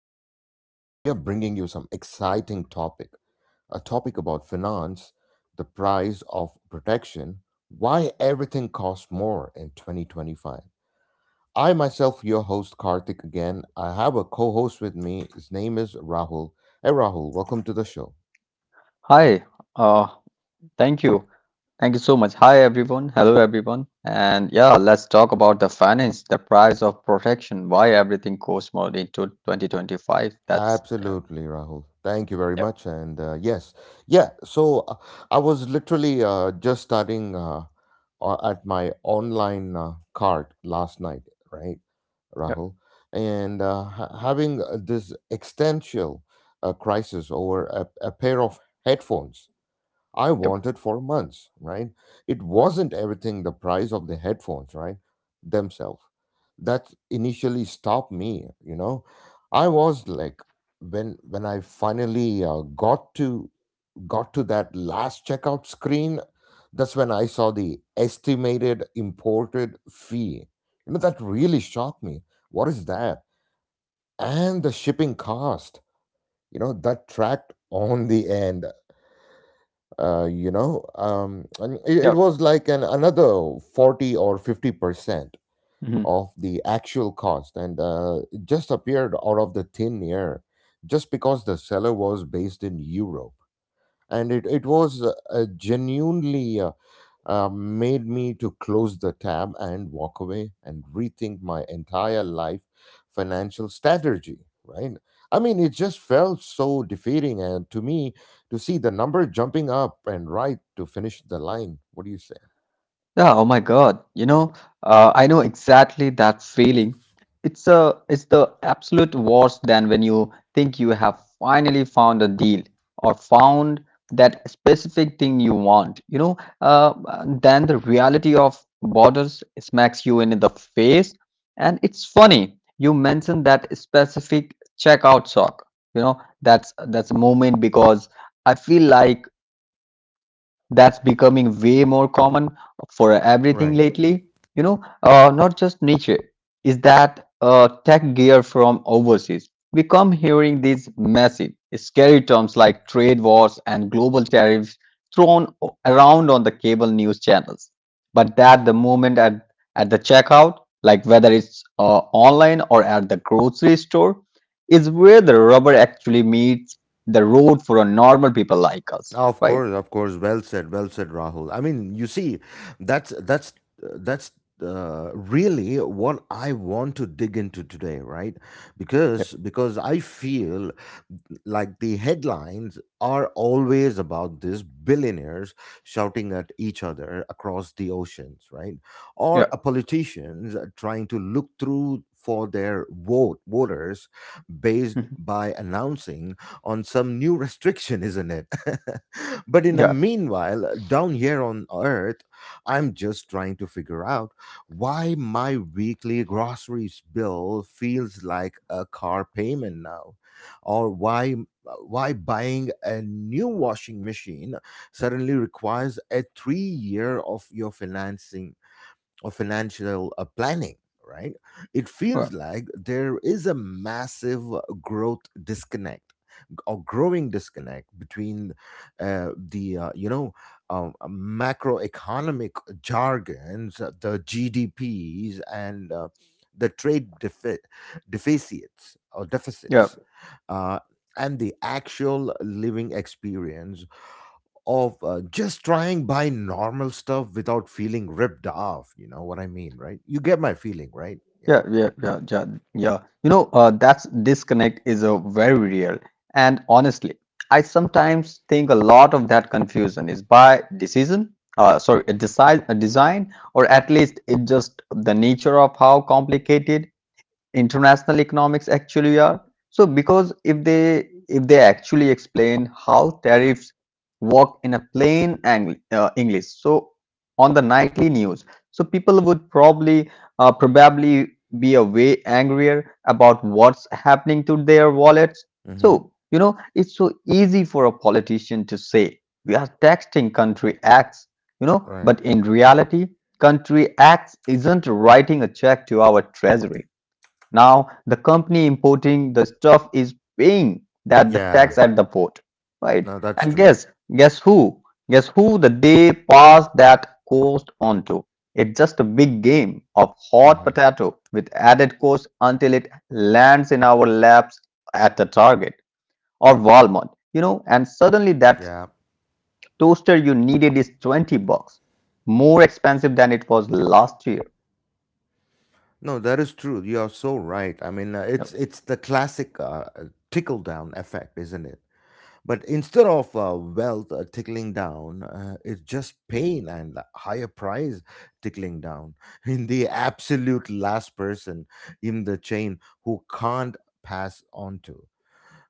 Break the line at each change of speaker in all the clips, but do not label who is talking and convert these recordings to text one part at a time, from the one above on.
today we are bringing you some exciting topic, a topic about finance, the price of protection, why everything costs more in 2025. I myself, your host Karthik again. I have a co-host with me. His name is Rahul. Hey Rahul, welcome to the show.
Hi, uh, thank you. Thank you so much. Hi, everyone. Hello, everyone. And yeah, let's talk about the finance, the price of protection, why everything costs more into 2025. That's yeah,
Absolutely, Rahul. Thank you very
yep,
much. Yeah. I was literally just starting at my online cart last night, right,
yep,
Rahul? And having this existential crisis over a pair of headphones I
yep,
wanted for months, right? It wasn't everything the price of the headphones, right? Themselves. That initially stopped me. I was like when I finally got to that last checkout screen, that's when I saw the estimated imported fee. You know that really shocked me. What is that? And the shipping cost that tracked on the end and it
yep.
was like an another 40 or 50%
Mhm.
of the actual cost and it just appeared out of the thin air just because the seller was based in euro and it was genuinely made me to close the tab and walk away and rethink my entire life financial strategy, right? I mean, it just felt so defeating and to me to see the number jumping up and right to finish the line, what do you say?
Yeah, oh my God. I know exactly that feeling. It's the absolute worst than when you think you have finally found a deal or found that specific thing you want. Then the reality of borders smacks you in the face. And it's funny, you mentioned that specific checkout sock. You know, that's a moment because I feel like that's becoming way more common for everything
Right.
lately. Not just niche. Is that tech gear from overseas? We come hearing these massive, scary terms like trade wars and global tariffs thrown around on the cable news channels. But that the moment at the checkout, like whether it's online or at the grocery store, is where the rubber actually meets the road for a normal people like us,
Oh, of
right?
course, of course. Well said, Rahul. I mean, you see, that's really what I want to dig into today, right? Because I feel like the headlines are always about these billionaires shouting at each other across the oceans, right?
Yeah.
Or a politicians trying to look through for their voters based
Mhm.
by announcing on some new restriction, isn't it? But in the
Yeah,
meanwhile, down here on Earth, I'm just trying to figure out why my weekly groceries bill feels like a car payment now, or why buying a new washing machine suddenly requires a 3 year of your financing or financial planning. Right, it feels
well,
like there is a massive growth disconnect or growing disconnect between the macroeconomic jargons, the GDPs, and the deficits
yeah,
uh, and the actual living experience of just trying buy normal stuff without feeling ripped off. You know what I mean, right? You get my feeling, right? Yeah.
yeah, yeah, yeah, yeah, yeah. That's disconnect is a very real. And honestly, I sometimes think a lot of that confusion is by decision, sorry, a design, or at least it just the nature of how complicated international economics actually are. So because if they actually explain how tariffs work in a plain English, so on the nightly news, so people would probably probably be a way angrier about what's happening to their wallets.
Hmm.
So you know it's so easy for a politician to say we are taxing country acts, you know,
Right.
but in reality, country acts isn't writing a check to our treasury. Now, the company importing the stuff is paying that the
Yeah.
tax at the port, right?
No, that's
And
true.
guess who? Guess who the day pass that cost onto? It's just a big game of hot
Hmm.
potato with added cost until it lands in our laps at the Target or Walmart, you know, and suddenly that
Yeah.
toaster you needed is 20 bucks more expensive than it was last year.
No, that is true. You are so right. I mean, uh,
Yeah,
it's it's the classic tickle down effect, isn't it? But instead of wealth tickling down, it's just pain and higher price tickling down. In the absolute last person in the chain who can't pass on to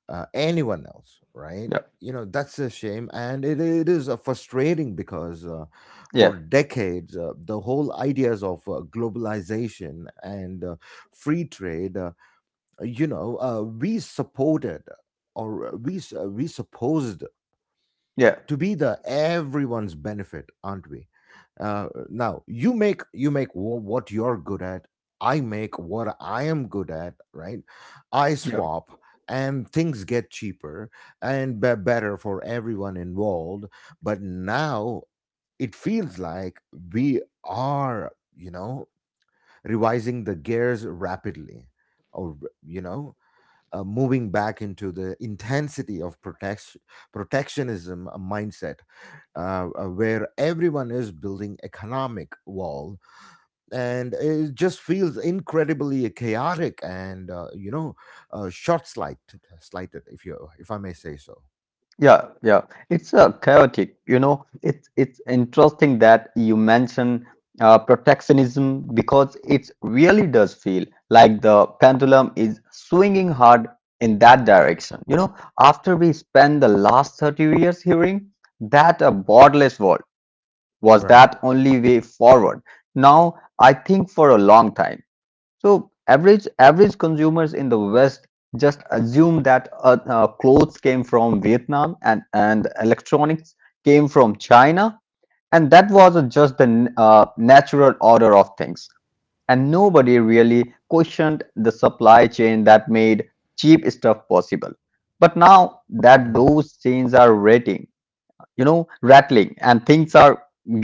anyone else, right?
yeah,
You know, that's a shame. And it is frustrating because for
Yeah.
decades, the whole ideas of globalization and free trade, we supported or we supposed to be the everyone's benefit, aren't we? Now, what you're good at, I make what I am good at, right? I
Yeah.
swap and things get cheaper and better for everyone involved. But now it feels like we are, you know, revising the gears rapidly, or, you know, moving back into the intensity of protectionism mindset, where everyone is building economic wall, and it just feels incredibly chaotic and, you know, slighted if you if I may say so.
Yeah. It's chaotic. You know, it's interesting that you mention protectionism because it really does feel like the pendulum is swinging hard in that direction. You know, after we spend the last 30 years hearing that a borderless world was
Right.
that only way forward, now I think for a long time. So average consumers in the West just assume that clothes came from Vietnam and electronics came from China, and that was just the natural order of things. And nobody really questioned the supply chain that made cheap stuff possible. But now that those chains are rating, you know, rattling and things are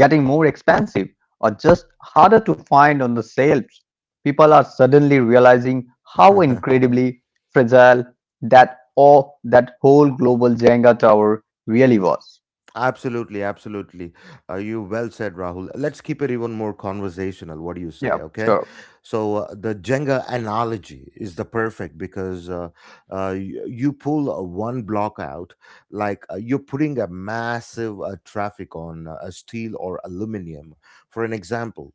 getting more expensive or just harder to find on the shelves, people are suddenly realizing how
Mhm.
incredibly fragile that whole global Jenga tower really was.
Absolutely, absolutely. You well said, Rahul. Let's keep it even more conversational. What do you say?
Yeah,
Okay,
sure.
the Jenga analogy is the perfect because you pull one block out, like you're putting a massive traffic on a steel or aluminum, for an example,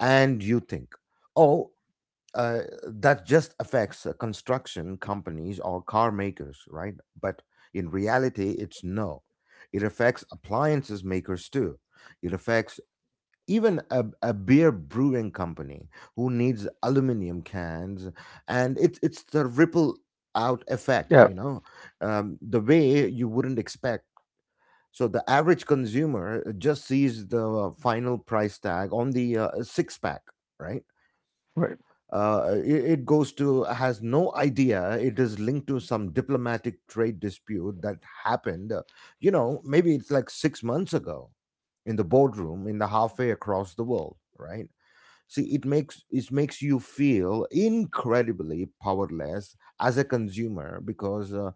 and you think, oh, uh, that just affects construction companies or car makers, right? But in reality, it's no. It affects appliances makers too. It affects even a beer brewing company who needs aluminum cans, and it's the ripple out effect,
Yeah.
you know, the way you wouldn't expect. So the average consumer just sees the final price tag on the six pack, right?
right.
It goes to has no idea it is linked to some diplomatic trade dispute that happened, you know, maybe it's like 6 months ago in the boardroom in the halfway across the world, right? See, it makes you feel incredibly powerless as a consumer because,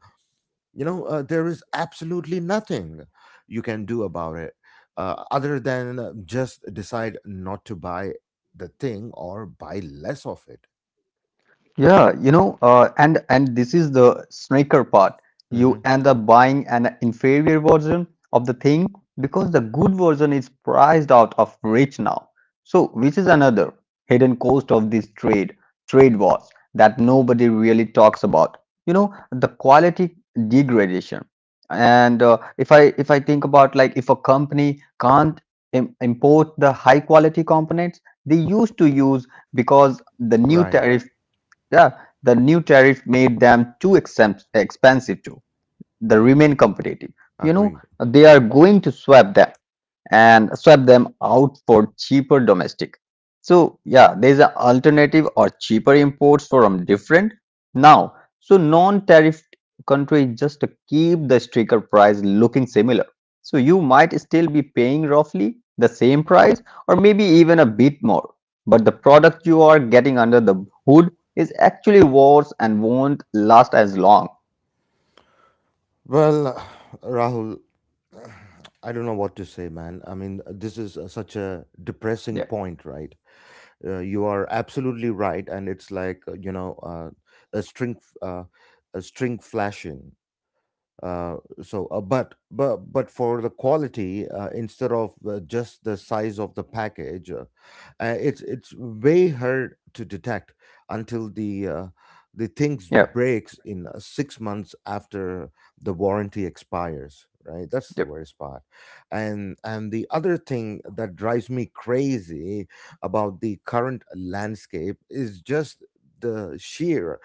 you know, there is absolutely nothing you can do about it, other than just decide not to buy the thing or buy less of it.
Yeah, and this is the sneaker part.
Mm-hmm.
You end up buying an inferior version of the thing because the good version is priced out of reach now. So, which is another hidden cost of this trade wars that nobody really talks about. You know, the quality degradation. And if I think about like if a company can't im import the high quality components they used to use because the new
Right.
tariff yeah, the new tariff made them too expensive to the remain competitive. You know,
Agreed.
they are
Hmm.
going to swap them out for cheaper domestic. So yeah, there's an alternative or cheaper imports from different now. So non-tariff country just to keep the sticker price looking similar. So you might still be paying roughly the same price or maybe even a bit more. But the product you are getting under the hood is actually worse and won't last as long.
Well, Rahul, I don't know what to say, man. I mean, this is such a depressing
Yeah.
point, right? You are absolutely right, and it's like, a string, f- uh, a string flashing. uh, but for the quality instead of just the size of the package, it's way hard to detect until the things
Yeah.
breaks in 6 months after the warranty expires, right? That's the
Yep.
worst part. And the other thing that drives me crazy about the current landscape is just the sheer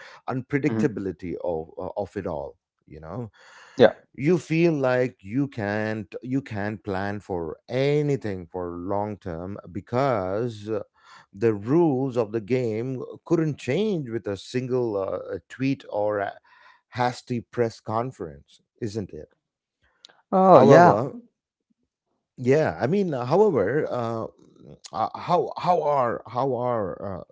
Hmm.
unpredictability of it all, you know.
Yeah.
You feel like you can't plan for anything for long term because, the rules of the game couldn't change with a single tweet or a hasty press conference, isn't it?
Oh yeah.
However, yeah, I mean, however how are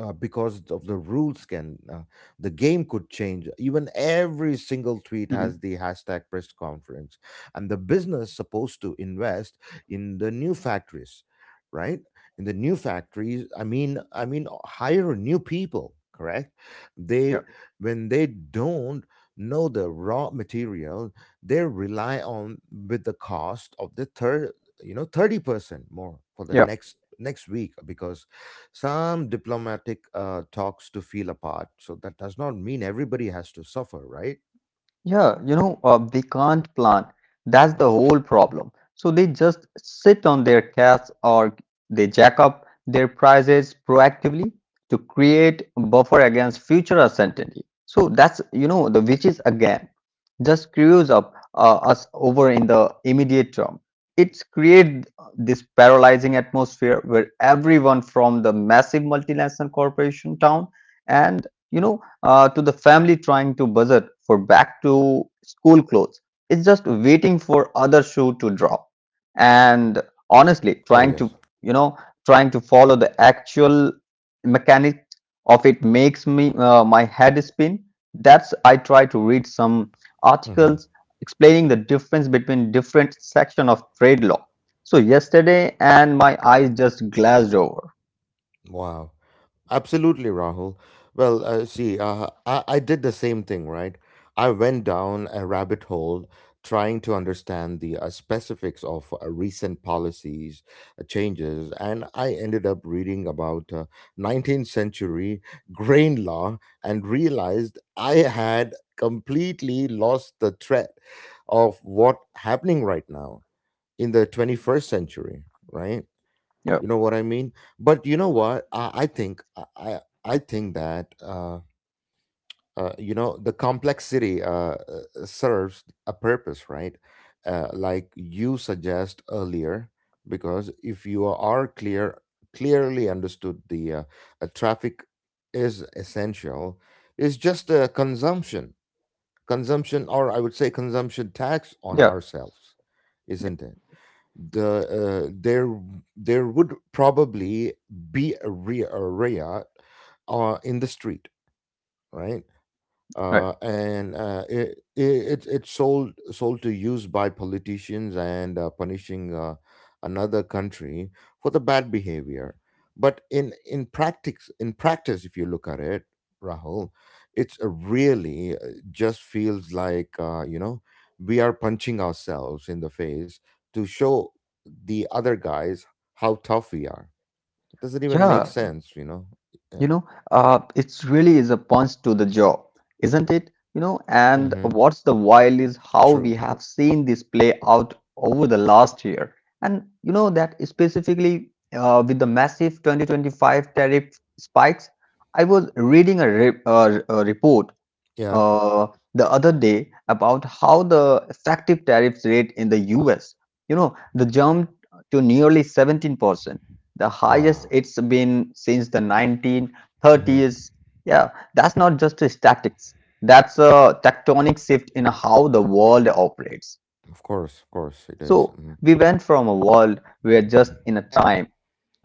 because of the rules can, the game could change even every single tweet
Hmm.
has the hashtag press conference, and the business supposed to invest in the new factories, right? In the new factories, I mean hire new people, correct? They, when they don't know the raw material they rely on, with the cost of the third, you know, 30% more for the
Yeah.
next week because some diplomatic talks to feel apart. So that does not mean everybody has to suffer, right?
They can't plan. That's the whole problem. So they just sit on their cash or they jack up their prices proactively to create buffer against future uncertainty. So that's, you know, the which is again just screws up us over in the immediate term. It's create this paralyzing atmosphere where everyone from the massive multinational corporation town, and you know to the family trying to budget for back to school clothes. It's just waiting for other shoe to drop. And honestly,
Oh yes.
you know, trying to follow the actual mechanics of it makes me my head spin. That's I try to read some
Hmm.
articles explaining the difference between different section of trade law. So yesterday and my eyes just glazed over.
Wow. Absolutely, Rahul. Well, I did the same thing, right? I went down a rabbit hole trying to understand the specifics of recent policies changes, and I ended up reading about 19th century grain law and realized I had completely lost the thread of what happening right now in the 21st century, right? You
Yeah.
know what I mean? But you know what, I think I think that, you know, the complexity serves a purpose, right? Like you suggest earlier, because if you are clearly understood the, traffic is essential, is just a consumption or I would say consumption tax on
Yeah.
ourselves, isn't it? The uh, there there would probably be a riot in the street, right?
Right.
Uh, and uh, it, it it- it's sold sold to use by politicians and punishing another country for the bad behavior. But in practice, if you look at it, Rahul, it's a really, just feels like, you know, we are punching ourselves in the face to show the other guys how tough we are. It doesn't even make
Yeah. Yeah.
sense, you know. Yeah.
You know, it really is a punch to the jaw, isn't it? You know, and
Hmm.
what's the while is how
True.
we have seen this play out over the last year. And you know that specifically with the massive 2025 tariff spikes, I was reading a report
Yeah.
uh, the other day about how the effective tariff rate in the US, you know, the jump to nearly 17%, the highest
Wow.
it's been since the
Mm-hmm.
1930s. Yeah, that's not just a statics. That's a tectonic shift in how the world operates.
Of course, it is.
So
Mm.
we went from a world where just in a time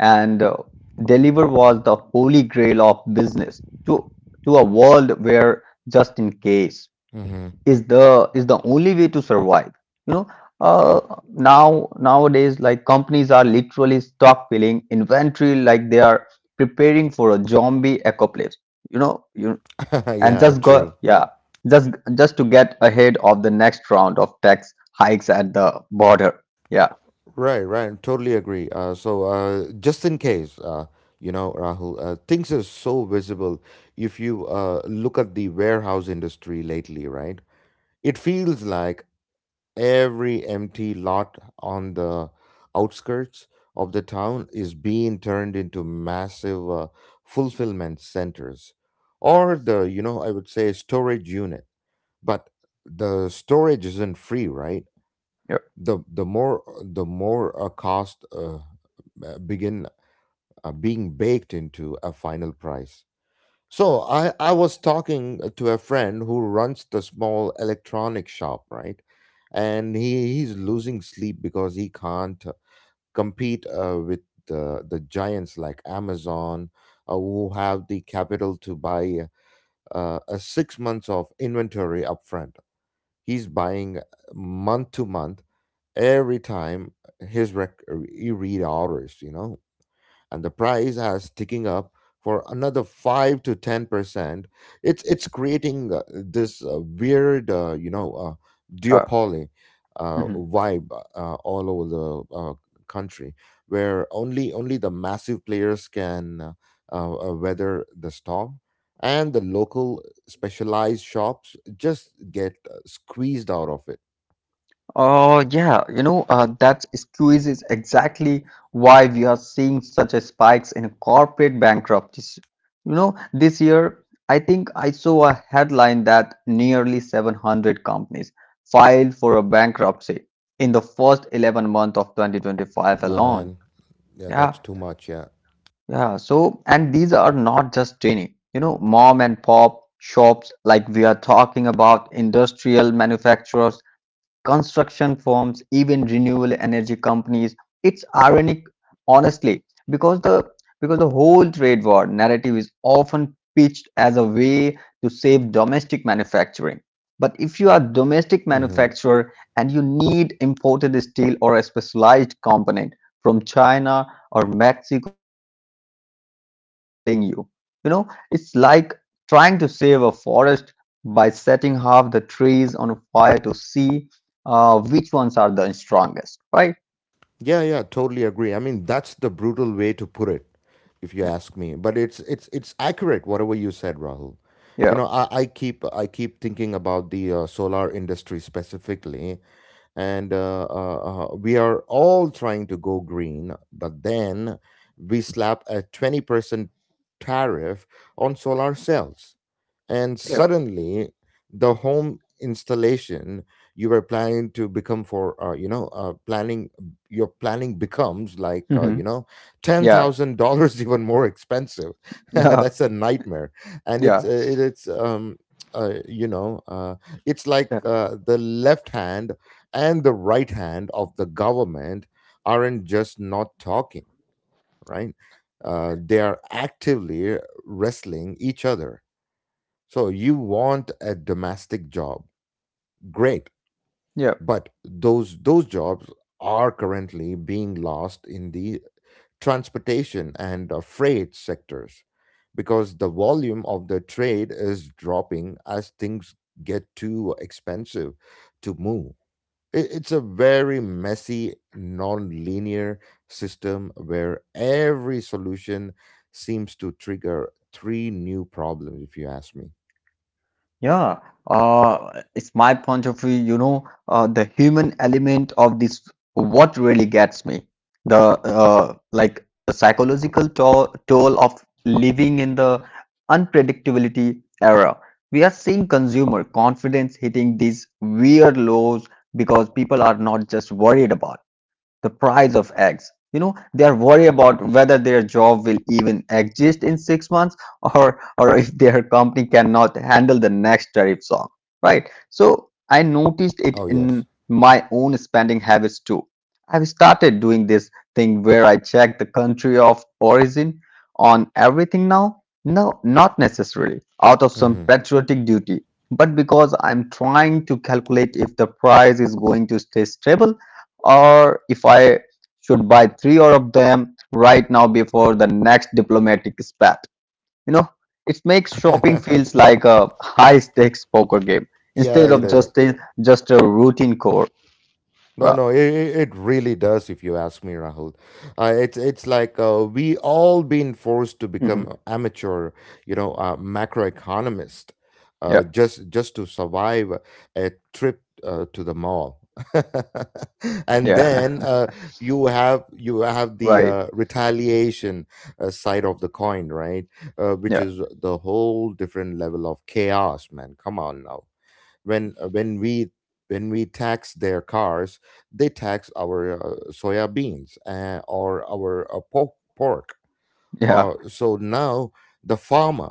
and deliver was the holy grail of business to a world where just in case
Mm-hmm.
is the only way to survive. You know, uh,
Yep.
now nowadays like companies are literally stockpiling inventory like they are preparing for a zombie apocalypse. You know, you and
Yeah,
just go
true.
yeah just just to get ahead of the next round of tax hikes at the border. yeah
Right, right. Totally agree. Just in case, you know, Rahul, things are so visible. If you look at the warehouse industry lately, right, it feels like every empty lot on the outskirts of the town is being turned into massive fulfillment centers, or, the, you know, I would say storage units, but the storage isn't free, right? The more a cost, begin being baked into a final price. So I was talking to a friend who runs the small electronic shop, right, and he's losing sleep because he can't compete with the giants like Amazon, who have the capital to buy a 6 months of inventory upfront. He's buying month to month. Every time his rec- he read orders, you know, and the price has ticking up for another 5 to 10%. It's creating this weird
yeah,
duopoly uh,
yeah.
vibe all over the country where only the massive players can weather the storm, and the local specialized shops just get squeezed out of it.
Oh, yeah, that squeeze is exactly why we are seeing such a spikes in corporate bankruptcies. You know, this year, I think I saw a headline that nearly 700 companies filed for a bankruptcy in the first 11 month of 2025 alone.
Man, yeah,
Yeah,
that's too much, yeah.
yeah. So, and these are not just tiny, you know, mom and pop shops like we are talking about industrial manufacturers construction firms, even renewable energy companies. It's ironic, honestly, because the because the whole trade war narrative is often pitched as a way to save domestic manufacturing. But if you are a domestic
Hmm.
manufacturer and you need imported steel or a specialized component from China or Mexico, these tariffs are actually killing you. You know, it's like trying to save a forest by setting half the trees on fire to see which ones are the strongest, right?
Yeah, yeah, totally agree. I mean, that's the brutal way to put it, if you
Yeah,
ask me. But it's accurate, whatever you said, Rahul. You
yeah,
know, I keep thinking about the solar industry specifically, and we are all trying to go green, but then we slap a 20% tariff on solar cells, and
Yeah.
suddenly the home installation you were planning to become for planning your planning becomes like
Hmm. yeah,
$10,000 even more expensive.
yeah,
that's a nightmare. And it's
yeah,
it, it's you know it's like
yeah,
the left hand and the right hand of the government aren't just not talking, right? They are actively wrestling each other. So you want a domestic job, great,
yeah.
but those jobs are currently being lost in the transportation and freight sectors because the volume of the trade is dropping as things get too expensive to move. It's a very messy, non-linear system where every solution seems to trigger three new problems, if you ask me.
yeah. It's my point of view. You know, the human element of this what really gets me. The uh, like the psychological toll of living in the unpredictability era. We are seeing consumer confidence hitting these weird lows because people are not just worried about the price of eggs. You know, they are worried about whether their job will even exist in 6 months or if their company cannot handle the next tariff song. Right. So I noticed it
Oh,
in
yes.
my own spending habits too. I've started doing this thing where I check the country of origin on everything now. No, not necessarily out of some
Hmm.
patriotic duty, but because I'm trying to calculate if the price is going to stay stable or if I should buy three or of them right now before the next diplomatic spat. You know, it makes shopping feels like a high stakes poker game
Yeah,
instead
it
of
is.
just a routine core.
No,
Well,
no, it really does. If you ask me, Rahul, it's like we all been forced to
mhm.
become amateur, you know, macroeconomist,
yeah,
just to survive a trip to the mall, and
yeah,
then you have the
right,
retaliation side of the coin, right? Which
yeah,
is the whole different level of chaos, man. Come on now. When when we tax their cars, they tax our soya beans or our pork.
yeah,
So now the farmer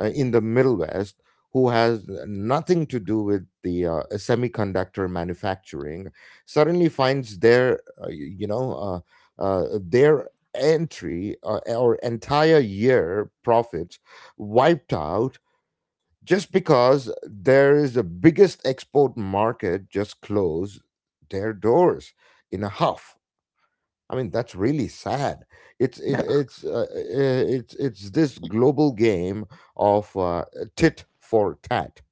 in the middle west, who has nothing to do with the semiconductor manufacturing, suddenly finds their their entry or entire year profits wiped out just because there is the biggest export market just closed their doors in a huff. I mean, that's really sad. It's it,
yeah,
it's this global game of tit for tat,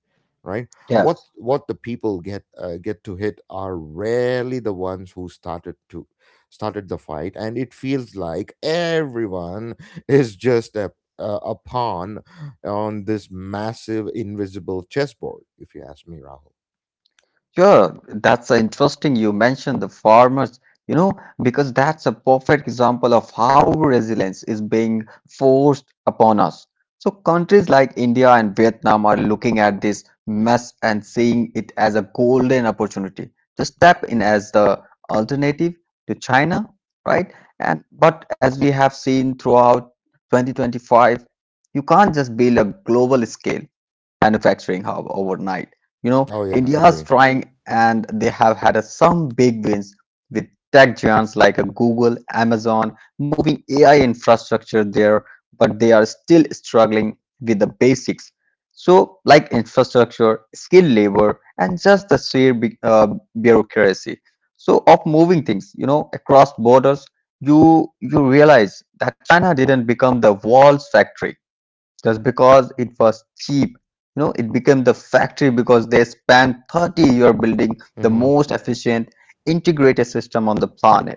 right? What
yes.
what the people get to hit are rarely the ones who started the fight, and it feels like everyone is just a pawn on this massive invisible chessboard. If you ask me, Rahul.
Sure, that's interesting. You mentioned the farmers, you know, because that's a perfect example of how resilience is being forced upon us. So, countries like India and Vietnam are looking at this mess and seeing it as a golden opportunity to step in as the alternative to China, right? And but as we have seen throughout 2025, you can't just build a global scale manufacturing hub overnight. You know,
Oh yeah,
India's
agree.
trying and they have had some big wins with tech giants like a Google, Amazon, moving AI infrastructure there, but they are still struggling with the basics. So, like infrastructure, skilled labor, and just the sheer bureaucracy. So, of moving things, you know, across borders, you realize that China didn't become the walls factory just because it was cheap. You know, it became the factory because they spent 30 years building the
Mm-hmm.
most efficient integrated system on the planet.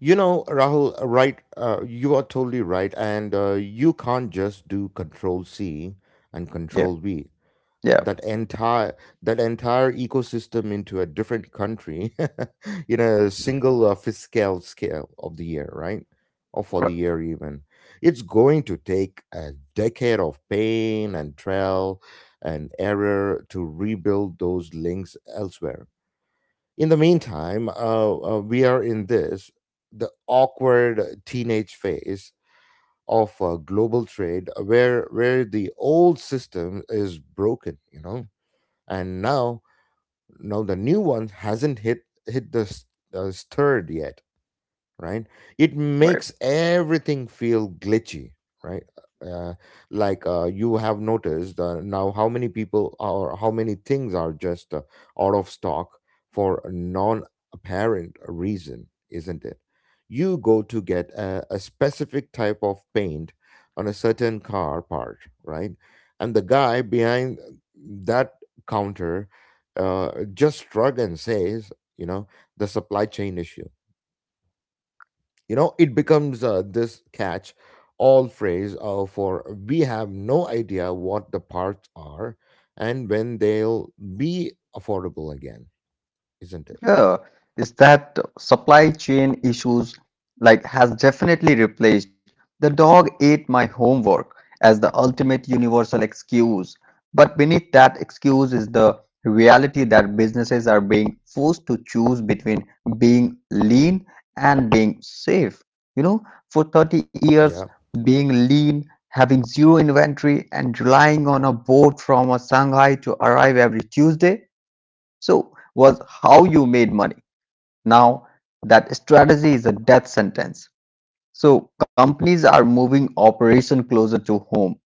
You know, Rahul, right? You are totally right. And you can't just do control C and
Yeah,
control V.
yeah,
That entire that entire ecosystem into a different country in a single fiscal scale of the year, right? Or for
right,
the year even. It's going to take a decade of pain and trial and error to rebuild those links elsewhere. In the meantime, we are in this the awkward teenage phase of global trade, where the old system is broken, you know, and now the new one hasn't hit the s- stirred yet, right? It
right.
makes everything feel glitchy, right? Uh, like you have noticed now how many people or how many things are just out of stock for a non apparent reason, isn't it? You go to get a specific type of paint on a certain car part, right? And the guy behind that counter just shrug and says, you know, the supply chain issue. You know, it becomes this catch all phrase for we have no idea what the parts are and when they'll be affordable again, isn't it?
Yeah, is that supply chain issues like has definitely replaced the dog ate my homework as the ultimate universal excuse. But beneath that excuse is the reality that businesses are being forced to choose between being lean and being safe. You know, for 30 years,
Yeah.
being lean, having zero inventory, and relying on a boat from a Shanghai to arrive every Tuesday, was how you made money. Now, that strategy is a death sentence. So, companies are moving operation closer to home,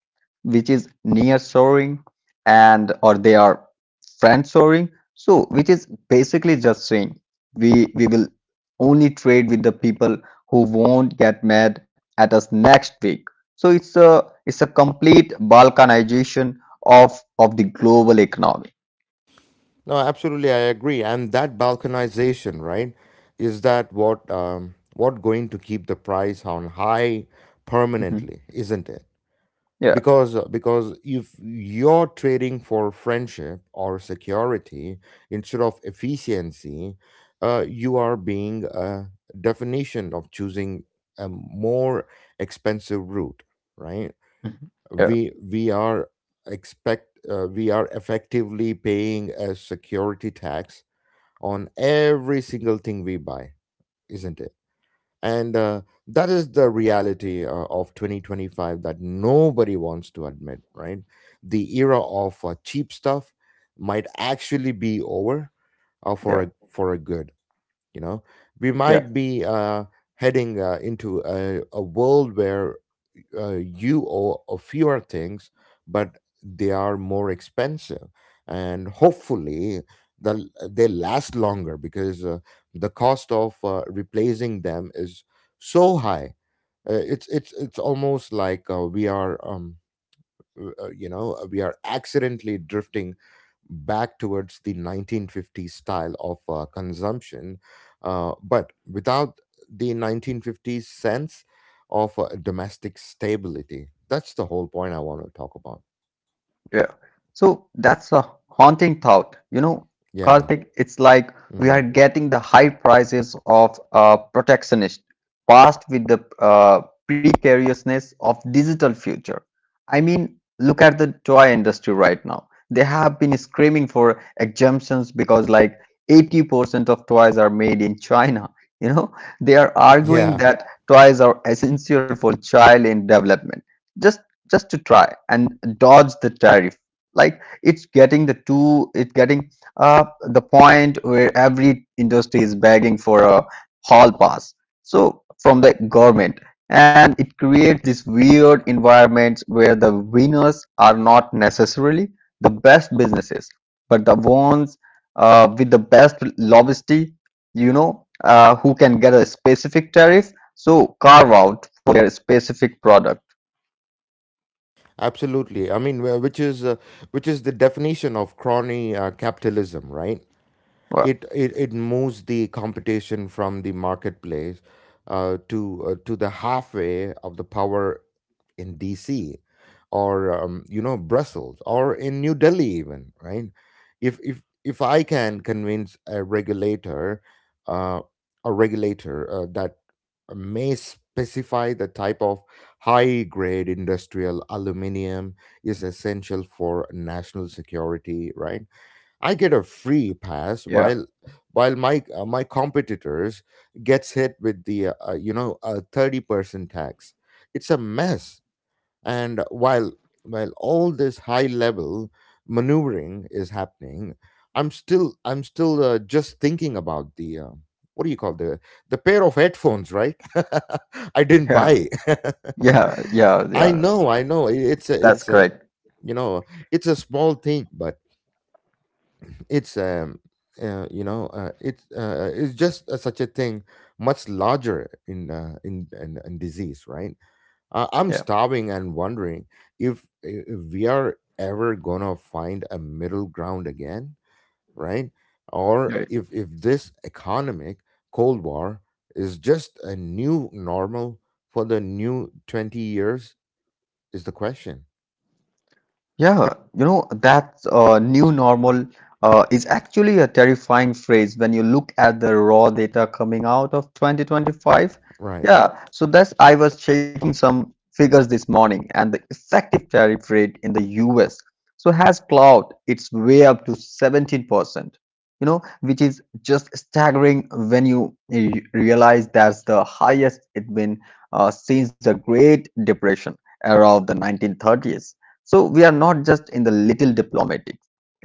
which is nearshoring and or they are friendshoring. So, which is basically just saying we will only trade with the people who won't get mad at us next week. So, it's a complete balkanization of of the global economy.
No, absolutely, I agree. And that balkanization, right, is that what going to keep the price on high
Mhm.
permanently, isn't it?
Yeah.
Because if you're trading for friendship or security instead of efficiency, you are being a definition of choosing a more expensive route, right?
Mhm. Yeah.
We we are expect uh, we are effectively paying a security tax on every single thing we buy, isn't it? And that is the reality of 2025 that nobody wants to admit, right? The era of cheap stuff might actually be over
Yeah.
for a good. You know, we might
Yeah.
be heading into a world where uh, you owe a fewer things, but they are more expensive, and hopefully they last longer because the cost of replacing them is so high. It's it's almost like we are we are accidentally drifting back towards the 1950s style of consumption, but without the 1950s sense of domestic stability. That's the whole point I want to talk about.
Yeah. So that's a haunting thought. You know,
Yeah.
Karthik, it's like we are
Hmm.
getting the high prices of protectionist past with the precariousness of digital future. I mean, look at the toy industry right now. They have been screaming for exemptions because like 80% of toys are made in China. You know, they are arguing
Yeah,
that toys are essential for child in development. Just just to try and dodge the tariff, like it's getting the two, it's getting uh, the point where every industry is begging for a hall pass from the government, and it creates this weird environment where the winners are not necessarily the best businesses but the ones with the best lobbyisty, you know, who can get a specific tariff carve out for their specific product.
absolutely, I mean, which is the definition of crony capitalism, right?
Well,
It moves the competition from the marketplace to the halfway of the power in DC or you know, Brussels, or in New Delhi even, right? If I can convince a regulator uh, that may specify the type of high grade industrial aluminium is essential for national security, right? I get a free pass
yeah.
while my my competitors gets hit with the a 30% tax. It's a mess. And while all this high level maneuvering is happening, I'm still just thinking about the what do you call the pair of headphones, right? I didn't
Yeah,
buy.
yeah, yeah, yeah.
I know, I know. It's a
That's
it's a
correct.
you know, it's a small thing, but it's you know it's just such a thing much larger in in disease, right? Uh, I'm
Yeah,
starving and wondering if we are ever gonna find a middle ground again, right? Or
yeah.
if this economic cold war is just a new normal for the new 20 years is the question,
Yeah, you know, that new normal is actually a terrifying phrase when you look at the raw data coming out of 2025.
right?
Yeah, so that's, I was checking some figures this morning, and the effective tariff rate in the US has clout. It's way up to 17%, you know, which is just staggering when you realize that's the highest it's been since the Great Depression era of the 1930s. So we are not just in the little diplomatic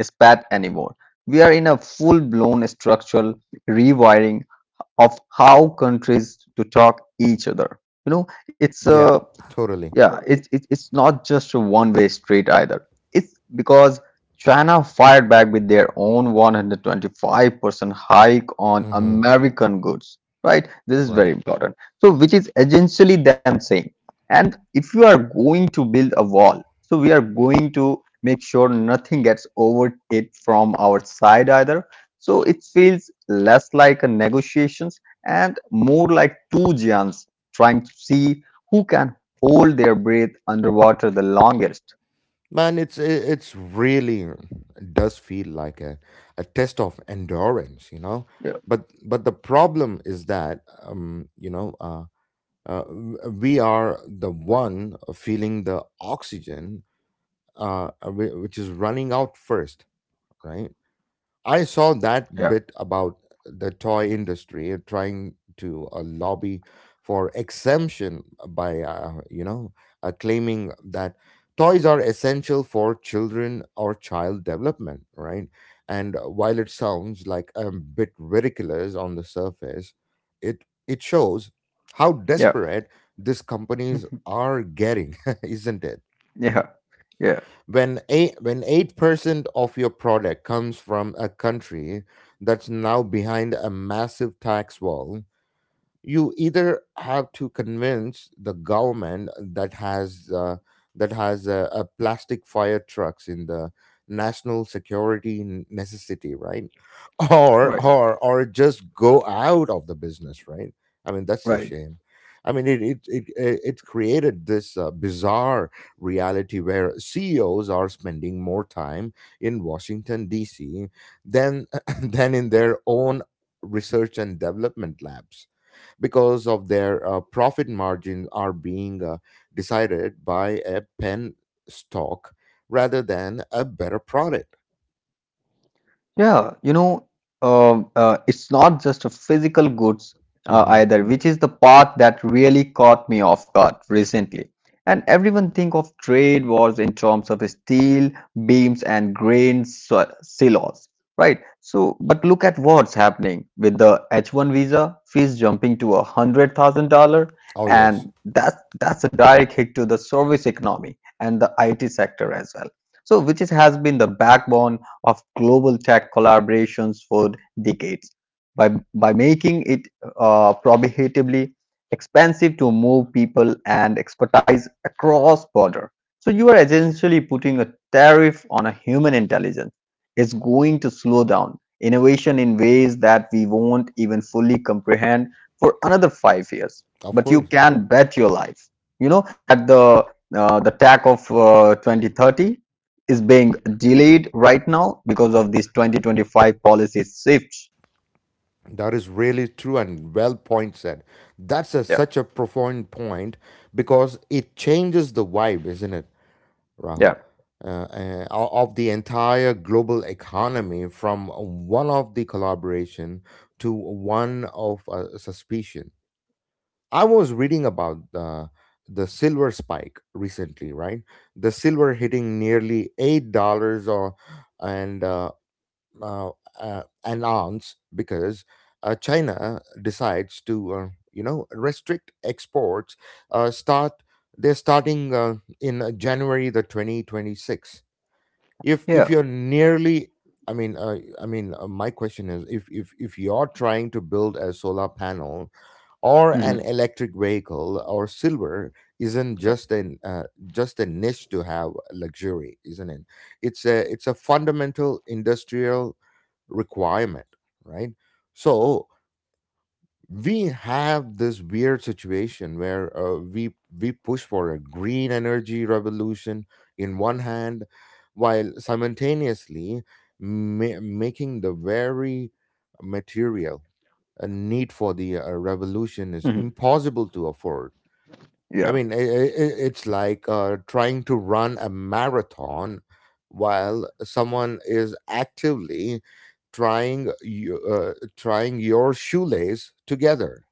spat anymore. We are in a full blown structural rewiring of how countries to talk each other. You know, it's
Yeah, totally.
yeah, it's it's not just a one-way street either. It's because China fired back with their own 125% hike on
Hmm.
American goods, right? This is very
Right.
important. So, which is essentially them saying, and if you are going to build a wall, so we are going to make sure nothing gets over it from our side either. So it feels less like a negotiations and more like two giants trying to see who can hold their breath underwater the longest.
Man, it's I- it's really it does feel like a test of endurance, you know.
Yeah.
But the problem is that we are the one feeling the oxygen which is running out first, right? I saw that
Yeah.
bit about the toy industry trying to lobby for exemption by, claiming that toys are essential for children or child development, right? And while it sounds like a bit ridiculous on the surface, it shows how
Yeah.
desperate these companies are getting, isn't it?
Yeah. Yeah.
When 8% of your product comes from a country that's now behind a massive tax wall, you either have to convince the government that has a plastic fire trucks in the national security necessity, right? or
Right.
just go out of the business, right? I mean, that's a
Right.
shame. I mean it created this bizarre reality where CEOs are spending more time in Washington DC than than in their own research and development labs because of their profit margin are being decided by a pen stock rather than a better product.
Yeah, you know, it's not just a physical goods
Hmm.
either, which is the part that really caught me off guard recently. And everyone think of trade wars in terms of steel beams and silos, right? So, but look at what's happening with the H-1 visa fees jumping to $100,000,
Oh yes,
and that's a direct hit to the service economy and the IT sector as well. So, which is, has been the backbone of global tech collaborations for decades by, by making it prohibitively expensive to move people and expertise across border. So you are essentially putting a tariff on a human intelligence. It's going to slow down innovation in ways that we won't even fully comprehend for another 5 years.
of
But you
course, of course.
can bet your life, you know, at the tech of 2030 is being delayed right now because of this 2025 policy shift.
That is really true and well point said. That's
Yeah,
such a profound point, because it changes the vibe, isn't it,
yeah.
Rahul? Uh, of the entire global economy from one of the collaboration to one of suspicion. I was reading about the silver spike recently, right? The silver hitting nearly $8 or and uh, an ounce because China decides to you know, restrict exports. Start they're starting in January the 2026. If
Yeah.
if you're nearly, I mean, my question is, if you're trying to build a solar panel or
Mhm.
an electric vehicle, or silver isn't
Yeah.
just an just a niche to have luxury, isn't it? It's a it's a fundamental industrial requirement, right? So we have this weird situation where we push for a green energy revolution in one hand while simultaneously making the very material a need for the revolution is
Mhm.
impossible to afford.
Yeah.
I mean, it's like trying to run a marathon while someone is actively trying your shoelace together.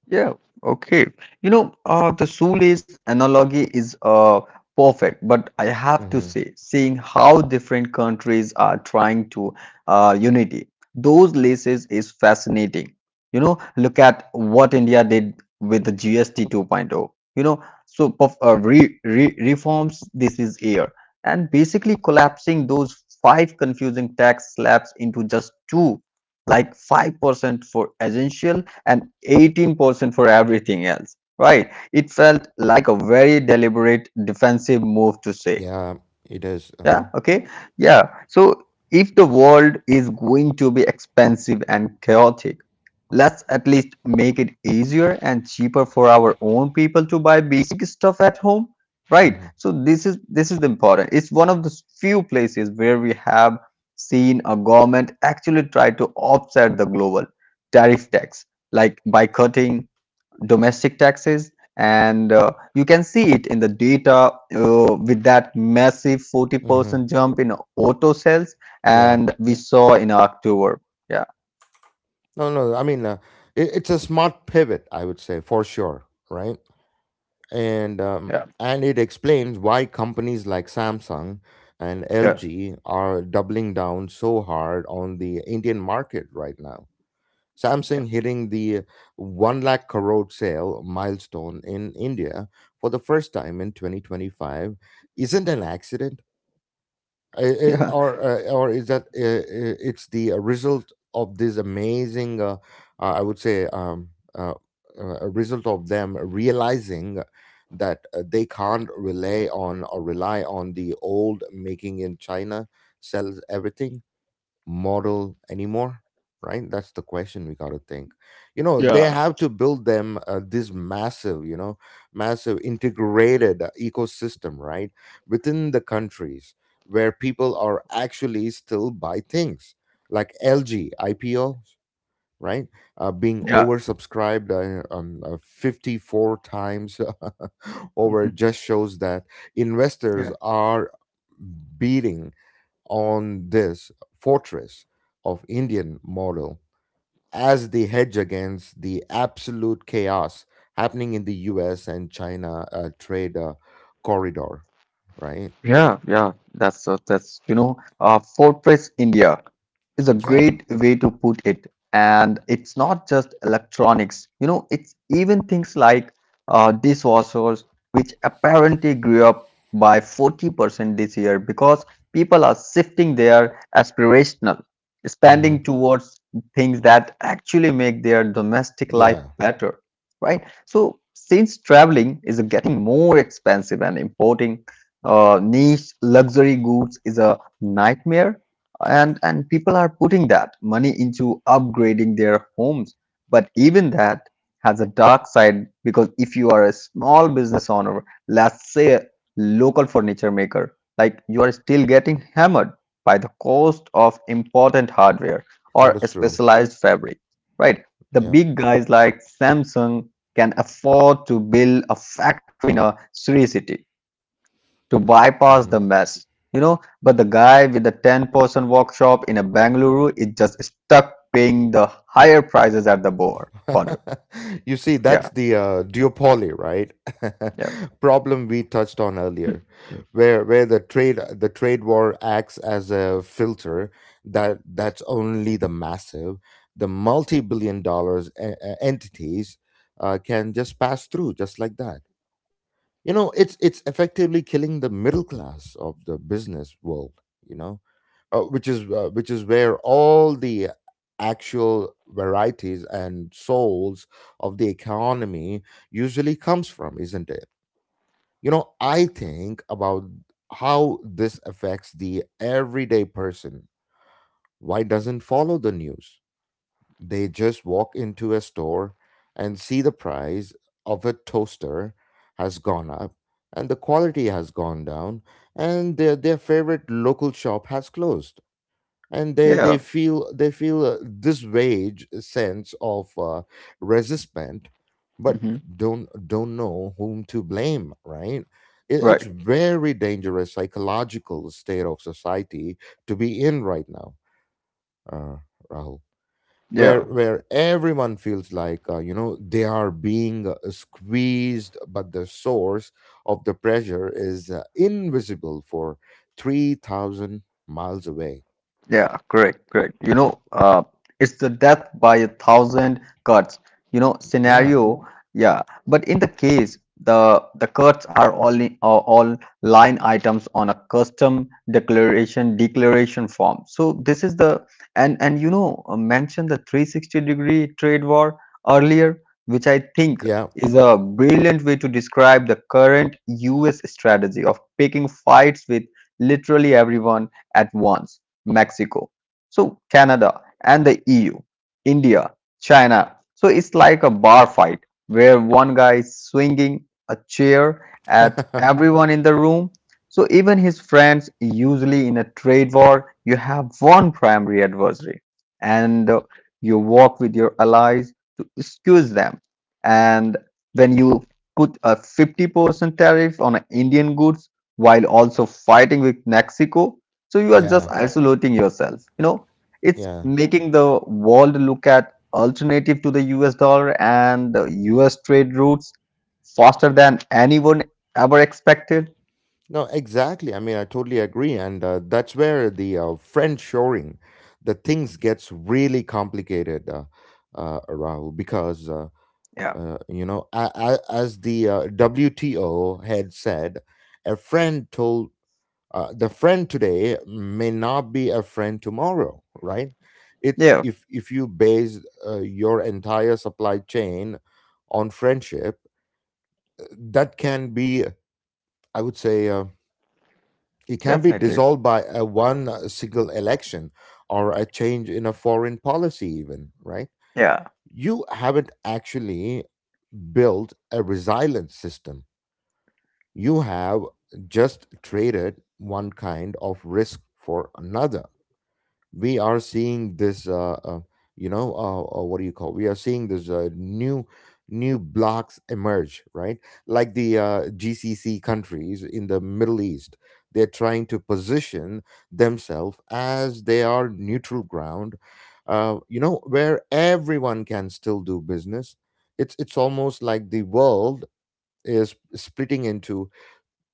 Yeah, okay. You know, the shoelace analogy is perfect, but I have to
Mm-hmm.
say, seeing how different countries are trying to unity, those laces is fascinating. You know, look at what India did with the GST 2.0. You know, so perf- re re reforms this is here, and basically collapsing those five confusing tax slabs into just two, like 5% for essential and 18% for everything else, right? It felt like a very deliberate defensive move to say,
Yeah, it is.
yeah,
Uh-huh.
okay. Yeah. So if the world is going to be expensive and chaotic, let's at least make it easier and cheaper for our own people to buy basic stuff at home,
Mm-hmm.
right? So this is important. It's one of the few places where we have seen a government actually try to offset the global tariff tax, like by cutting domestic taxes, and you can see it in the data with that massive
Mm-hmm.
40% jump in auto sales
Yeah.
and we saw in october. Yeah,
No, no. I mean, it's a smart pivot, I would say, for sure, right?
yeah,
And it explains why companies like Samsung and
yeah,
LG are doubling down so hard on the Indian market right now. Samsung
yeah.
hitting the one lakh crore sale milestone in India for the first time in 2025 isn't an accident. uh, uh, or uh, or is that it's the result of this amazing I would say uh, a result of them realizing that they can't rely on the old "making in China sells everything" model anymore. Right, that's the question we got to think. You know, they
Yeah.
have to build them, this massive, you know, massive integrated ecosystem, right, within the countries where people are actually still buy things, like LG IPO, right, being
Yeah, yeah,
oversubscribed 54 times over,
mhm,
just shows that investors
yeah,
are beating on this fortress of Indian model as the hedge against the absolute chaos happening in the US and China trade corridor, right?
yeah, yeah. That's that's, you know, fortress india is a
Yeah.
great way to put it. And it's not just electronics, you know, it's even things like dishwashers, which apparently grew up by 40% this year because people are shifting their aspirational
Hmm.
spending towards things that actually make their domestic life
Yeah,
better, right? So, since traveling is getting more expensive and importing niche luxury goods is a nightmare, and people are putting that money into upgrading their homes. But even that has a dark side because if you are a small business owner, let's say a local furniture maker, like you are still getting hammered by the cost of important hardware
that
or
is
a
true.
specialized fabric, right? The
Yeah.
big guys like samsung can afford to build a factory in a city to bypass
Hmm.
the mess, you know. But the guy with the 10-person workshop in a Bangalore is just stuck paying the higher prices at the board. Ponder.
You see, that's
Yeah,
the duopoly, right?
yeah.
Problem we touched on
Hmm.
earlier, where the trade war acts as a filter that that's only the massive, the multi billion dollars entities can just pass through just like that. You know, it's effectively killing the middle class of the business world, you know, which is where all the actual varieties and souls of the economy usually comes from, isn't it? You know, I think about how this affects the everyday person, why doesn't follow the news. They just walk into a store and see the price of a toaster has gone up and the quality has gone down, and their favorite local shop has closed. And
Yeah.
they feel this wage sense of resentment, but
Hmm.
don't know whom to blame. Right? It's
Right.
very dangerous psychological state of society to be in right now. Uh, Rahul,
Yeah.
where everyone feels like, you know, they are being squeezed, but the source of the pressure is invisible for 3,000 miles away.
Yeah, correct, correct. You know, it's the death by a thousand cuts. You know,
Yeah,
scenario. Yeah, but in the case, the cuts are are all line items on a custom declaration declaration form. So this is the, and you know, mentioned the 360 degree trade war earlier, which I think
yeah,
is a brilliant way to describe the current U.S. strategy of picking fights with literally everyone at once, Mexico, Canada and the EU, India, China. So it's like a bar fight where one guy is swinging a chair at everyone in the room. So even his friends, usually in a trade war, you have one primary adversary, and you work with your allies to excuse them. And when you put a 50% tariff on Indian goods while also fighting with Mexico, so you are
yeah,
just isolating yourself, you know. It's
yeah.
making the world look at alternative to the us dollar and the us trade routes faster than anyone ever expected.
No, exactly. I mean, I totally agree. And that's where the friend shoring, the things gets really complicated, Rahul, because,
Yeah,
you know, as the WTO had said, a friend told, the friend today may not be a friend tomorrow, right? It's,
yeah,
if you base your entire supply chain on friendship, that can be, I would say it can be
definitely.
dissolved by a one single election or a change in a foreign policy, even, right?
Yeah,
You haven't actually built a resilient system. You have just traded one kind of risk for another. We are seeing this what do you call, we are seeing this, new blocks emerge, right? Like the GCC countries in the Middle East. They're trying to position themselves as they are neutral ground, you know, where everyone can still do business. It's almost like the world is splitting into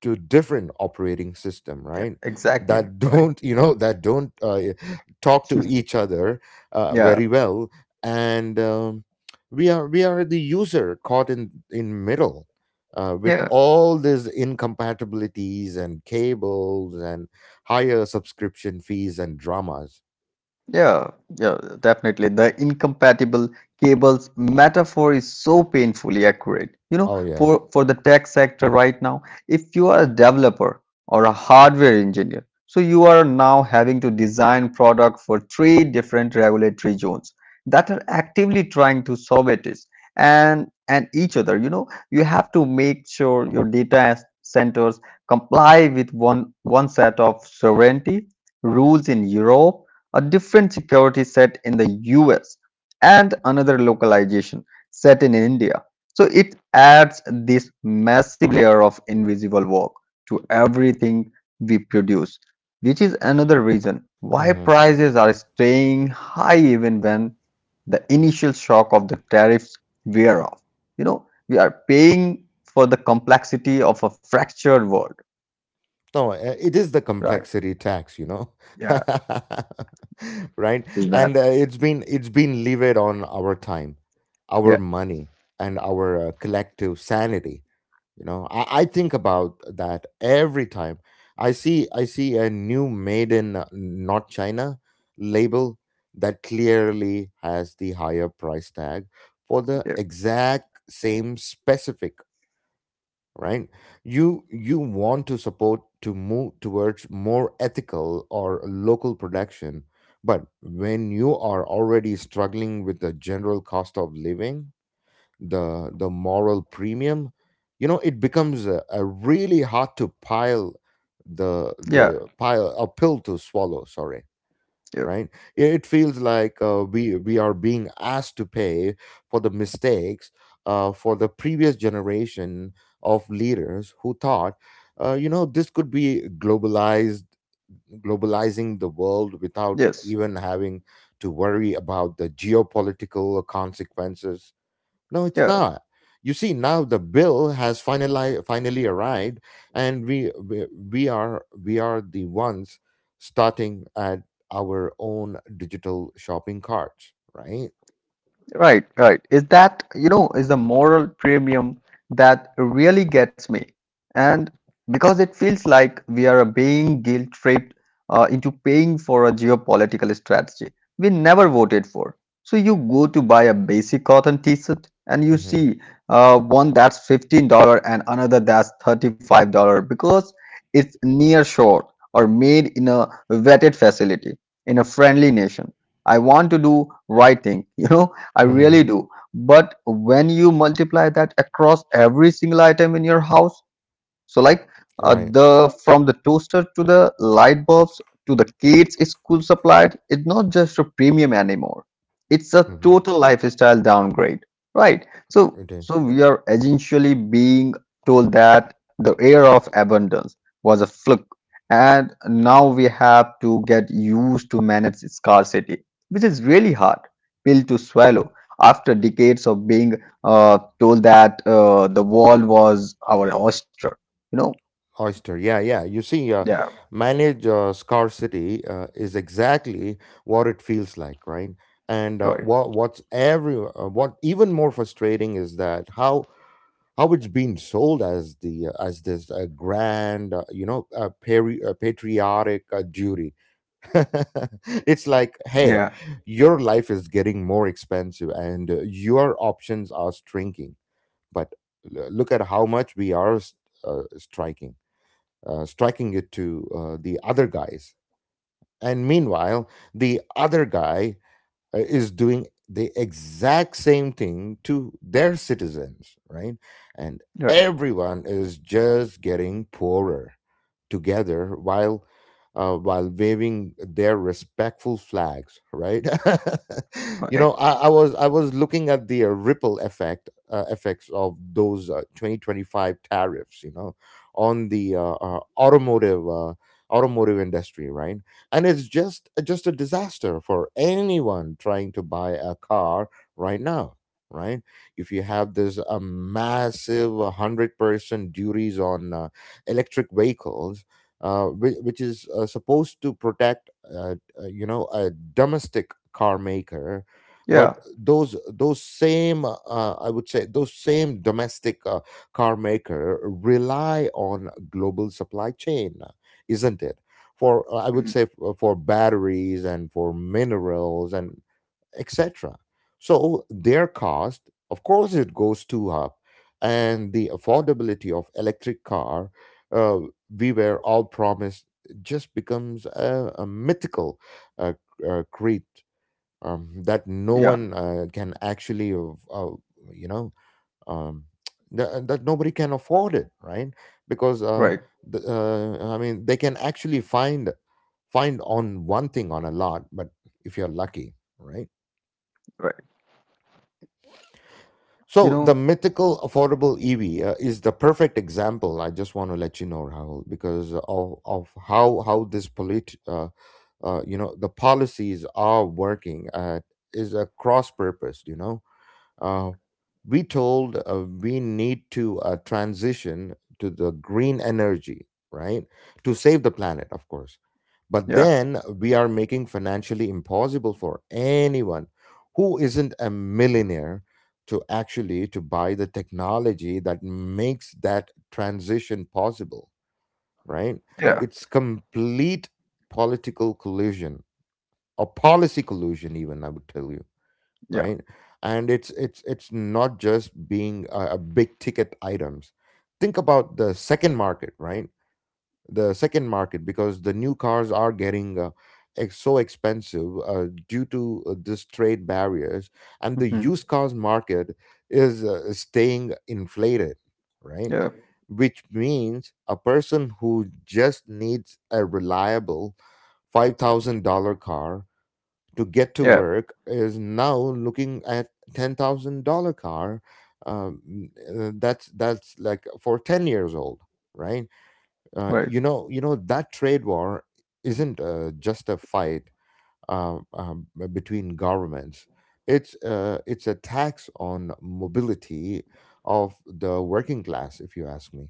to different operating system,
yeah,
right?
exactly.
That
Right,
don't, you know, that don't talk to each other
yeah,
very well. And we are the user caught in middle, with
yeah.
all these incompatibilities and cables and higher subscription fees and dramas.
Yeah, yeah, definitely. The incompatible cables metaphor is so painfully accurate. You
Oh
know,
yes.
for the tech sector right now, if you are a developer or a hardware engineer, so you are now having to design product for three different regulatory zones that are actively trying to soviet it, and each other. You know, you have to make sure your data centers comply with one set of sovereignty rules in Europe, a different security set in the US, and another localization set in India. So it adds this massive layer of invisible work to everything we produce, which is another reason why
Mm-hmm.
prices are staying high even when the initial shock of the tariffs wear off. You know, we are paying for the complexity of a fractured world.
No, it is the
Right.
complexity tax, you know,
Yeah.
right?
Is that?
And it's been levied on our time, our
Yeah.
money, and our collective sanity. You know, I think about that every time I see a new "Made in Not China" label that clearly has the higher price tag for the
Yeah.
exact same specific, right? You want to support to move towards more ethical or local production, but when you are already struggling with the general cost of living, the moral premium, you know, it becomes a really hard to pile,
Yeah.
the pile a pill to swallow, sorry.
Yeah.
Right, it feels like, we are being asked to pay for the mistakes for the previous generation of leaders who thought you know, this could be globalized globalizing the world without
Yes.
even having to worry about the geopolitical consequences. No, it's
Yeah.
not. You see, now the bill has finally arrived, and we are the ones starting at our own digital shopping carts, right?
Right, right. Is that, you know, is the moral premium that really gets me. And because it feels like we are being guilt-tripped into paying for a geopolitical strategy we never voted for. So you go to buy a basic cotton t-shirt and you
Mm-hmm.
see one that's $15 and another that's $35 because it's near shore or made in a vetted facility in a friendly nation. I want to do right thing, you know, I
Mm-hmm.
really do. But when you multiply that across every single item in your house, so like
Right.
the from the toaster to the light bulbs to the kids' school supplies, it's not just a premium anymore. It's a
Mm-hmm.
total lifestyle downgrade, right? So
It
so
is
we are essentially being told that the era of abundance was a fluke, and now we have to get used to manage scarcity, which is really hard pill to swallow after decades of being told that the wall was our oyster. You know?
oyster. Yeah, yeah. You see,
Yeah.
manage scarcity is exactly what it feels like, right? And
Right.
what what's every what even more frustrating is that how it's been sold as the as this grand, you know, patriotic duty. It's like, hey,
Yeah.
your life is getting more expensive and your options are shrinking, but look at how much we are uh, striking striking it to the other guys, and meanwhile the other guy is doing the exact same thing to their citizens, right? And
Right.
everyone is just getting poorer together while waving their respectful flags, right? You
Right.
know, I was looking at the ripple effect effects of those 2025 tariffs, you know, on the automotive industry, right? And it's just a disaster for anyone trying to buy a car right now, right? If you have this a massive 100% duties on electric vehicles, which is supposed to protect you know, a domestic car maker,
Yeah.
but those same, I would say those same domestic car maker rely on global supply chain, isn't it, for I would
Mm.
say f- for batteries and for minerals and etc. So their cost, of course, it goes too up, and the affordability of electric car uh, we were all promised just becomes a mythical uh, creed that no
Yeah.
one can actually you know um, that nobody can afford it, right? Because
Right.
the, I mean, they can actually find on one thing on a lot, but if you're lucky, right?
Right. You
So the
know?
mythical affordable EV is the perfect example, I just want to let you know, Rahul, because of how this polit you know, the policies are working is a cross purpose, you know. Uh, we told, we need to transition to the green energy, right? To save the planet, of course. But
Yeah.
then we are making financially impossible for anyone who isn't a millionaire to actually to buy the technology that makes that transition possible, right?
Yeah.
It's complete political collusion or policy collusion, even, I would tell you,
Yeah.
right? And it's not just being a big ticket items. Think about the second market, right? The second market, because the new cars are getting so expensive due to this trade barriers, and the
Hmm.
used cars market is staying inflated, right?
Yeah.
Which means a person who just needs a reliable $5000 car to get to
Yeah.
work is now looking at $10,000 car. Um, that's like for 10 years old, right?
Right.
You know that trade war isn't just a fight between governments. It's a tax on mobility of the working class, if you ask me.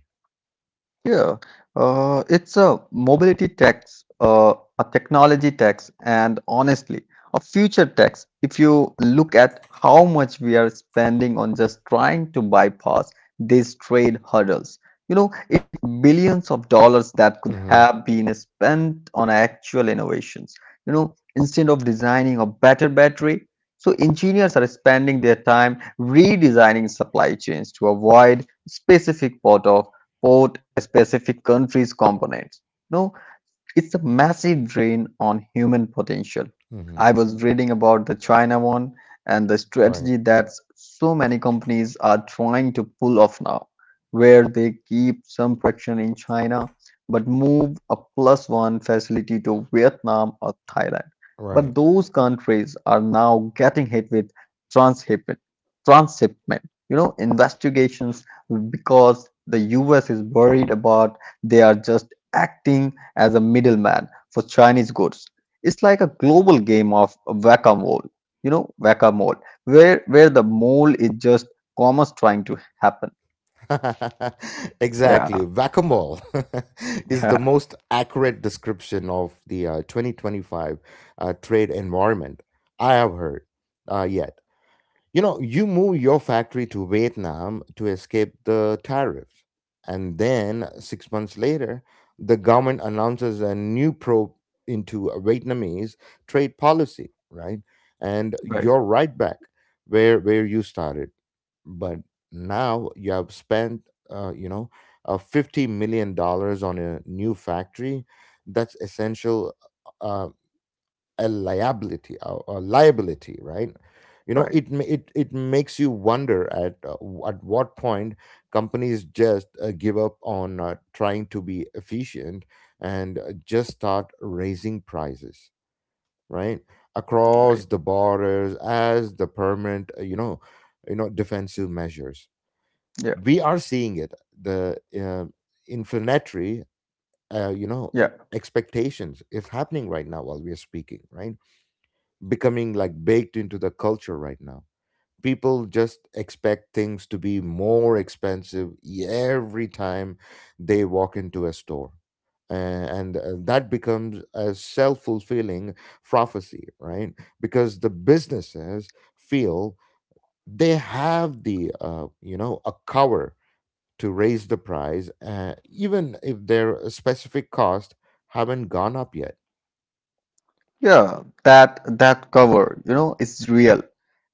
Yeah, it's a mobility tax, a technology tax, and honestly, a future tax. If you look at how much we are spending on just trying to bypass these trade hurdles, it's billions of dollars that could
Mm-hmm.
have been spent on actual innovations. You know, instead of designing a better battery, so engineers are spending their time redesigning supply chains to avoid specific part of port specific country's components. No. It's a massive drain on human potential.
Mm-hmm.
I was reading about the China one and the
Right.
strategy that so many companies are trying to pull off now, where they keep some production in China but move a plus one facility to Vietnam or Thailand.
Right.
But those countries are now getting hit with transshipment, transshipment, investigations because the US is worried about they are just acting as a middleman for Chinese goods. It's like a global game of whack-a-mole, you know, whack-a-mole, where the mole is just commerce trying to happen. Yeah,
Exactly. Whack a mole. Is the
yeah,
most accurate description of the 2025 trade environment I have heard yet. You know, you move your factory to Vietnam to escape the tariffs. And then 6 months later, the government announces a new probe into Vietnamese trade policy, right? And
right,
you're right back where you started. But now you have spent, you know, $50 million on a new factory. That's essential. Uh, a liability or a liability, right? You know,
right,
it it makes you wonder at at what point companies just give up on trying to be efficient and just start raising prices, right, across
right.
the borders as the permanent, you know, defensive measures.
Yeah,
We are seeing it, the inflammatory, you know,
yeah.
expectations is happening right now while we are speaking, right? Becoming like baked into the culture right now. People just expect things to be more expensive every time they walk into a store. And that becomes a self fulfilling prophecy, right? Because the businesses feel they have the, you know, a cover to raise the price, even if their specific cost haven't gone up yet.
Yeah, that cover, is real.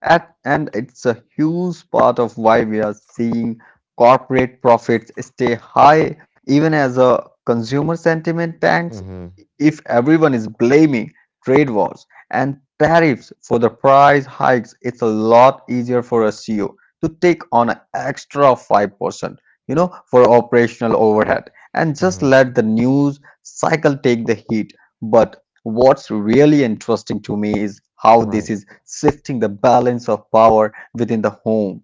At, and it's a huge part of why we are seeing corporate profits stay high, even as a consumer sentiment tanks.
Mm-hmm,
If everyone is blaming trade wars and tariffs for the price hikes, it's a lot easier for a CEO to take on an extra 5%, for operational overhead and
mm-hmm,
just let the news cycle take the heat. But what's really interesting to me is how this
right.
is shifting the balance of power within the home.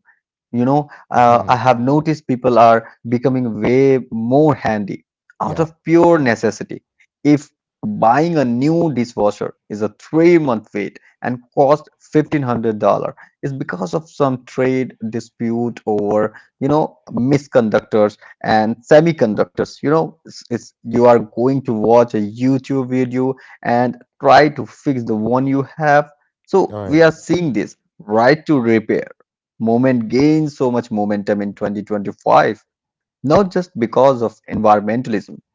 I have noticed people are becoming way more handy out
Yeah.
of pure necessity. If buying a new dishwasher is a 3 month wait and cost $1500, it's because of some trade dispute over misconductors and semiconductors. You know it's You are going to watch a youtube video and try to fix the one you have. So
All
we
right.
are seeing this right to repair movement gained so much momentum in 2025, not just because of environmentalism,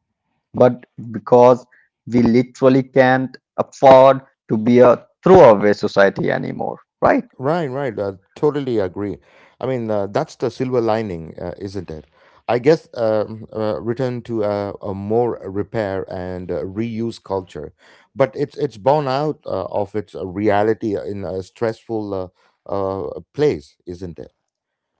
but because we literally can't afford to be a throwaway society anymore, right?
Right, right. Totally agree. I mean, that's the silver lining, isn't it? I guess return to a more repair and reuse culture, but it's borne out of its reality in a stressful place, isn't it?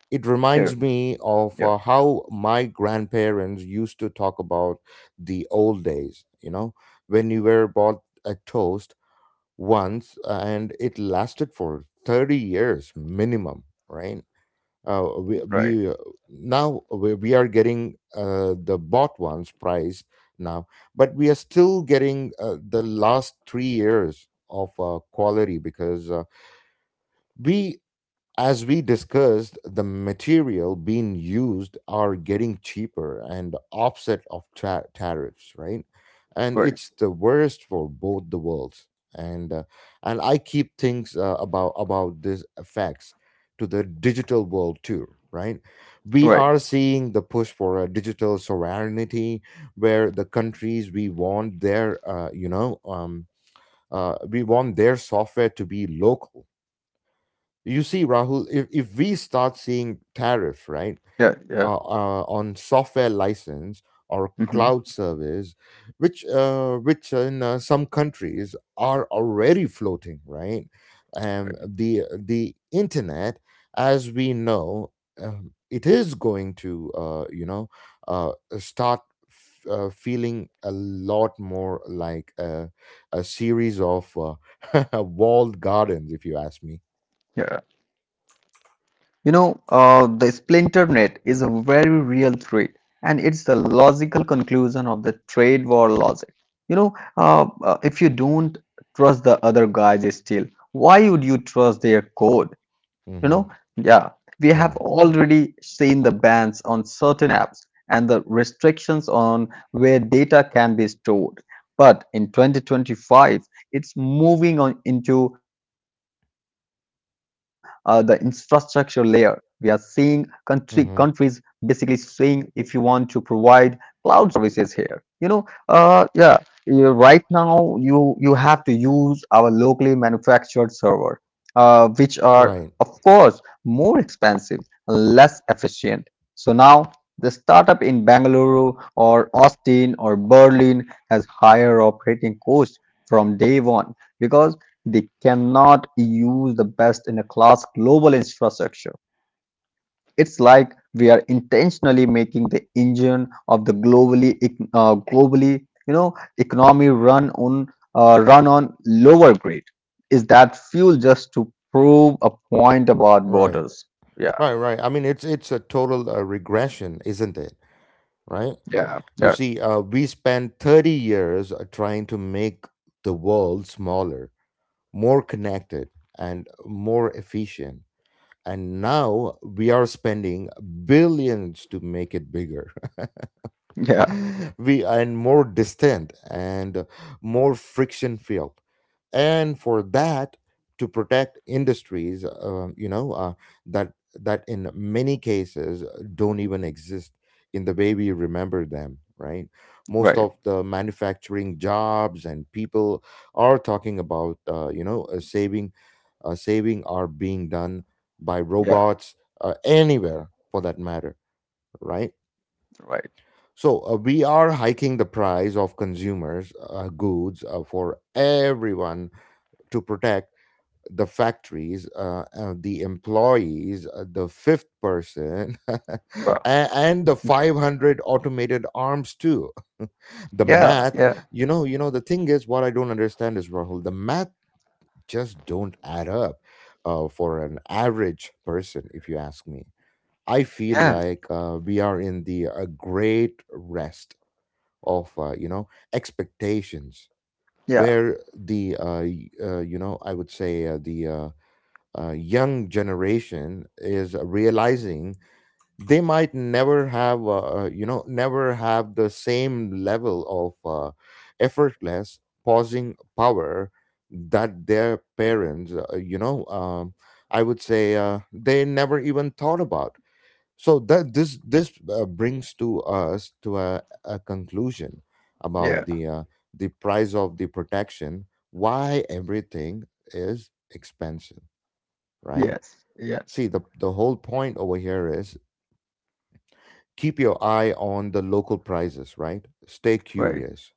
It reminds
Yeah,
me of
yeah,
how my grandparents used to talk about the old days. When you were bought a toast once and it lasted for 30 years minimum, right?
right,
We Now we are getting the bought ones price now, but we are still getting the last 3 years of quality, because we as we discussed, the material being used are getting cheaper and offset of tariffs, right? And
right,
it's the worst for both the worlds. And uh, and I keep things about these effects to the digital world too, right? We
right.
are seeing the push for a digital sovereignty, where the countries we want their we want their software to be local. You see, Rahul, if we start seeing tariffs, right,
Yeah, yeah.
on software license or
Hmm.
cloud service, which in some countries are already floating, right? The internet, as we know, it is going to uh, start feeling a lot more like a series of walled gardens, if you ask me.
The splinter net is a very real threat, and it's the logical conclusion of the trade war logic. If you don't trust the other guy's steel, why would you trust their code? You
Mm-hmm.
know, yeah, we have
Yeah.
already seen the bans on certain apps and the restrictions on where data can be stored. But in 2025, it's moving on into the infrastructure layer. We are seeing countries basically
hmm
saying if you want to provide cloud services here, right now you have to use our locally manufactured server, which are
Right.
of course, more expensive less efficient. So now the startup in Bangalore or Austin or Berlin has higher operating costs from day one because they cannot use the best in a class global infrastructure. It's like we are intentionally making the engine of the globally economy run on run on lower grade. Is that fuel just to prove a point about
Right.
borders? Yeah,
Right. Right. I mean, it's a total regression, isn't it? Right.
yeah.
You
Yeah,
see, we spent 30 years trying to make the world smaller, more connected, and more efficient, and now we are spending billions to make it bigger.
yeah,
We and more distant and more friction filled, and for that, to protect industries, that in many cases don't even exist in the way we remember them, right? Most of
right,
the manufacturing jobs and people are talking about saving are being done by
yeah,
robots, anywhere for that matter, right?
right,
So we are hiking the price of consumers' goods for everyone to protect the factories, the employees, the fifth person, a-
right.
and the 500 automated arms too. the
Yeah,
math,
yeah,
the thing is, what I don't understand is, Rahul, the math just don't add up for an average person, if you ask me. I feel
yeah,
like we are in the great rest of expectations,
yeah,
where the y- you know I would say the young generation is realizing they might never have the same level of effortless pausing power that their parents you know I would say they never even thought about. So that this brings to us to a conclusion about
yeah,
the price of the protection. Why everything is expensive, right?
yes, yes,
See, the whole point over here is, keep your eye on the local prices, right? Stay
right.
curious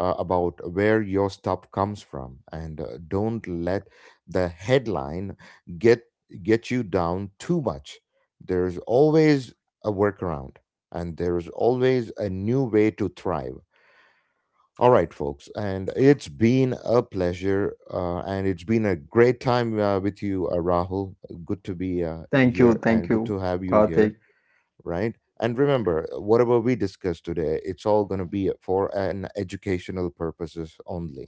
about where your stuff comes from, and don't let the headline get get you down too much. There's always a workaround, and there's always a new way to thrive. All right, folks, and it's been a pleasure, and it's been a great time with you, Rahul. Good to be here, and
Thank
good to
you,
have you here,
Karthik.
right? And remember, whatever we discuss today, it's all going to be for an educational purposes only.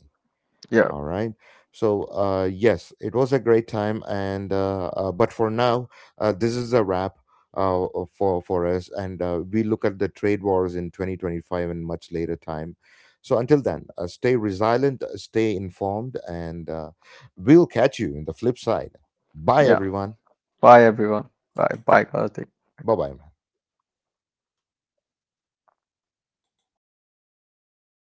Yeah,
All right. So yes, it was a great time, and but for now, this is a wrap uh, for us, and we look at the trade wars in 2025 and much later time. So until then, stay resilient, stay informed, and we'll catch you in the flip side. Bye,
yeah.
everyone.
Bye, everyone. Bye, bye, Karthik.
Bye bye.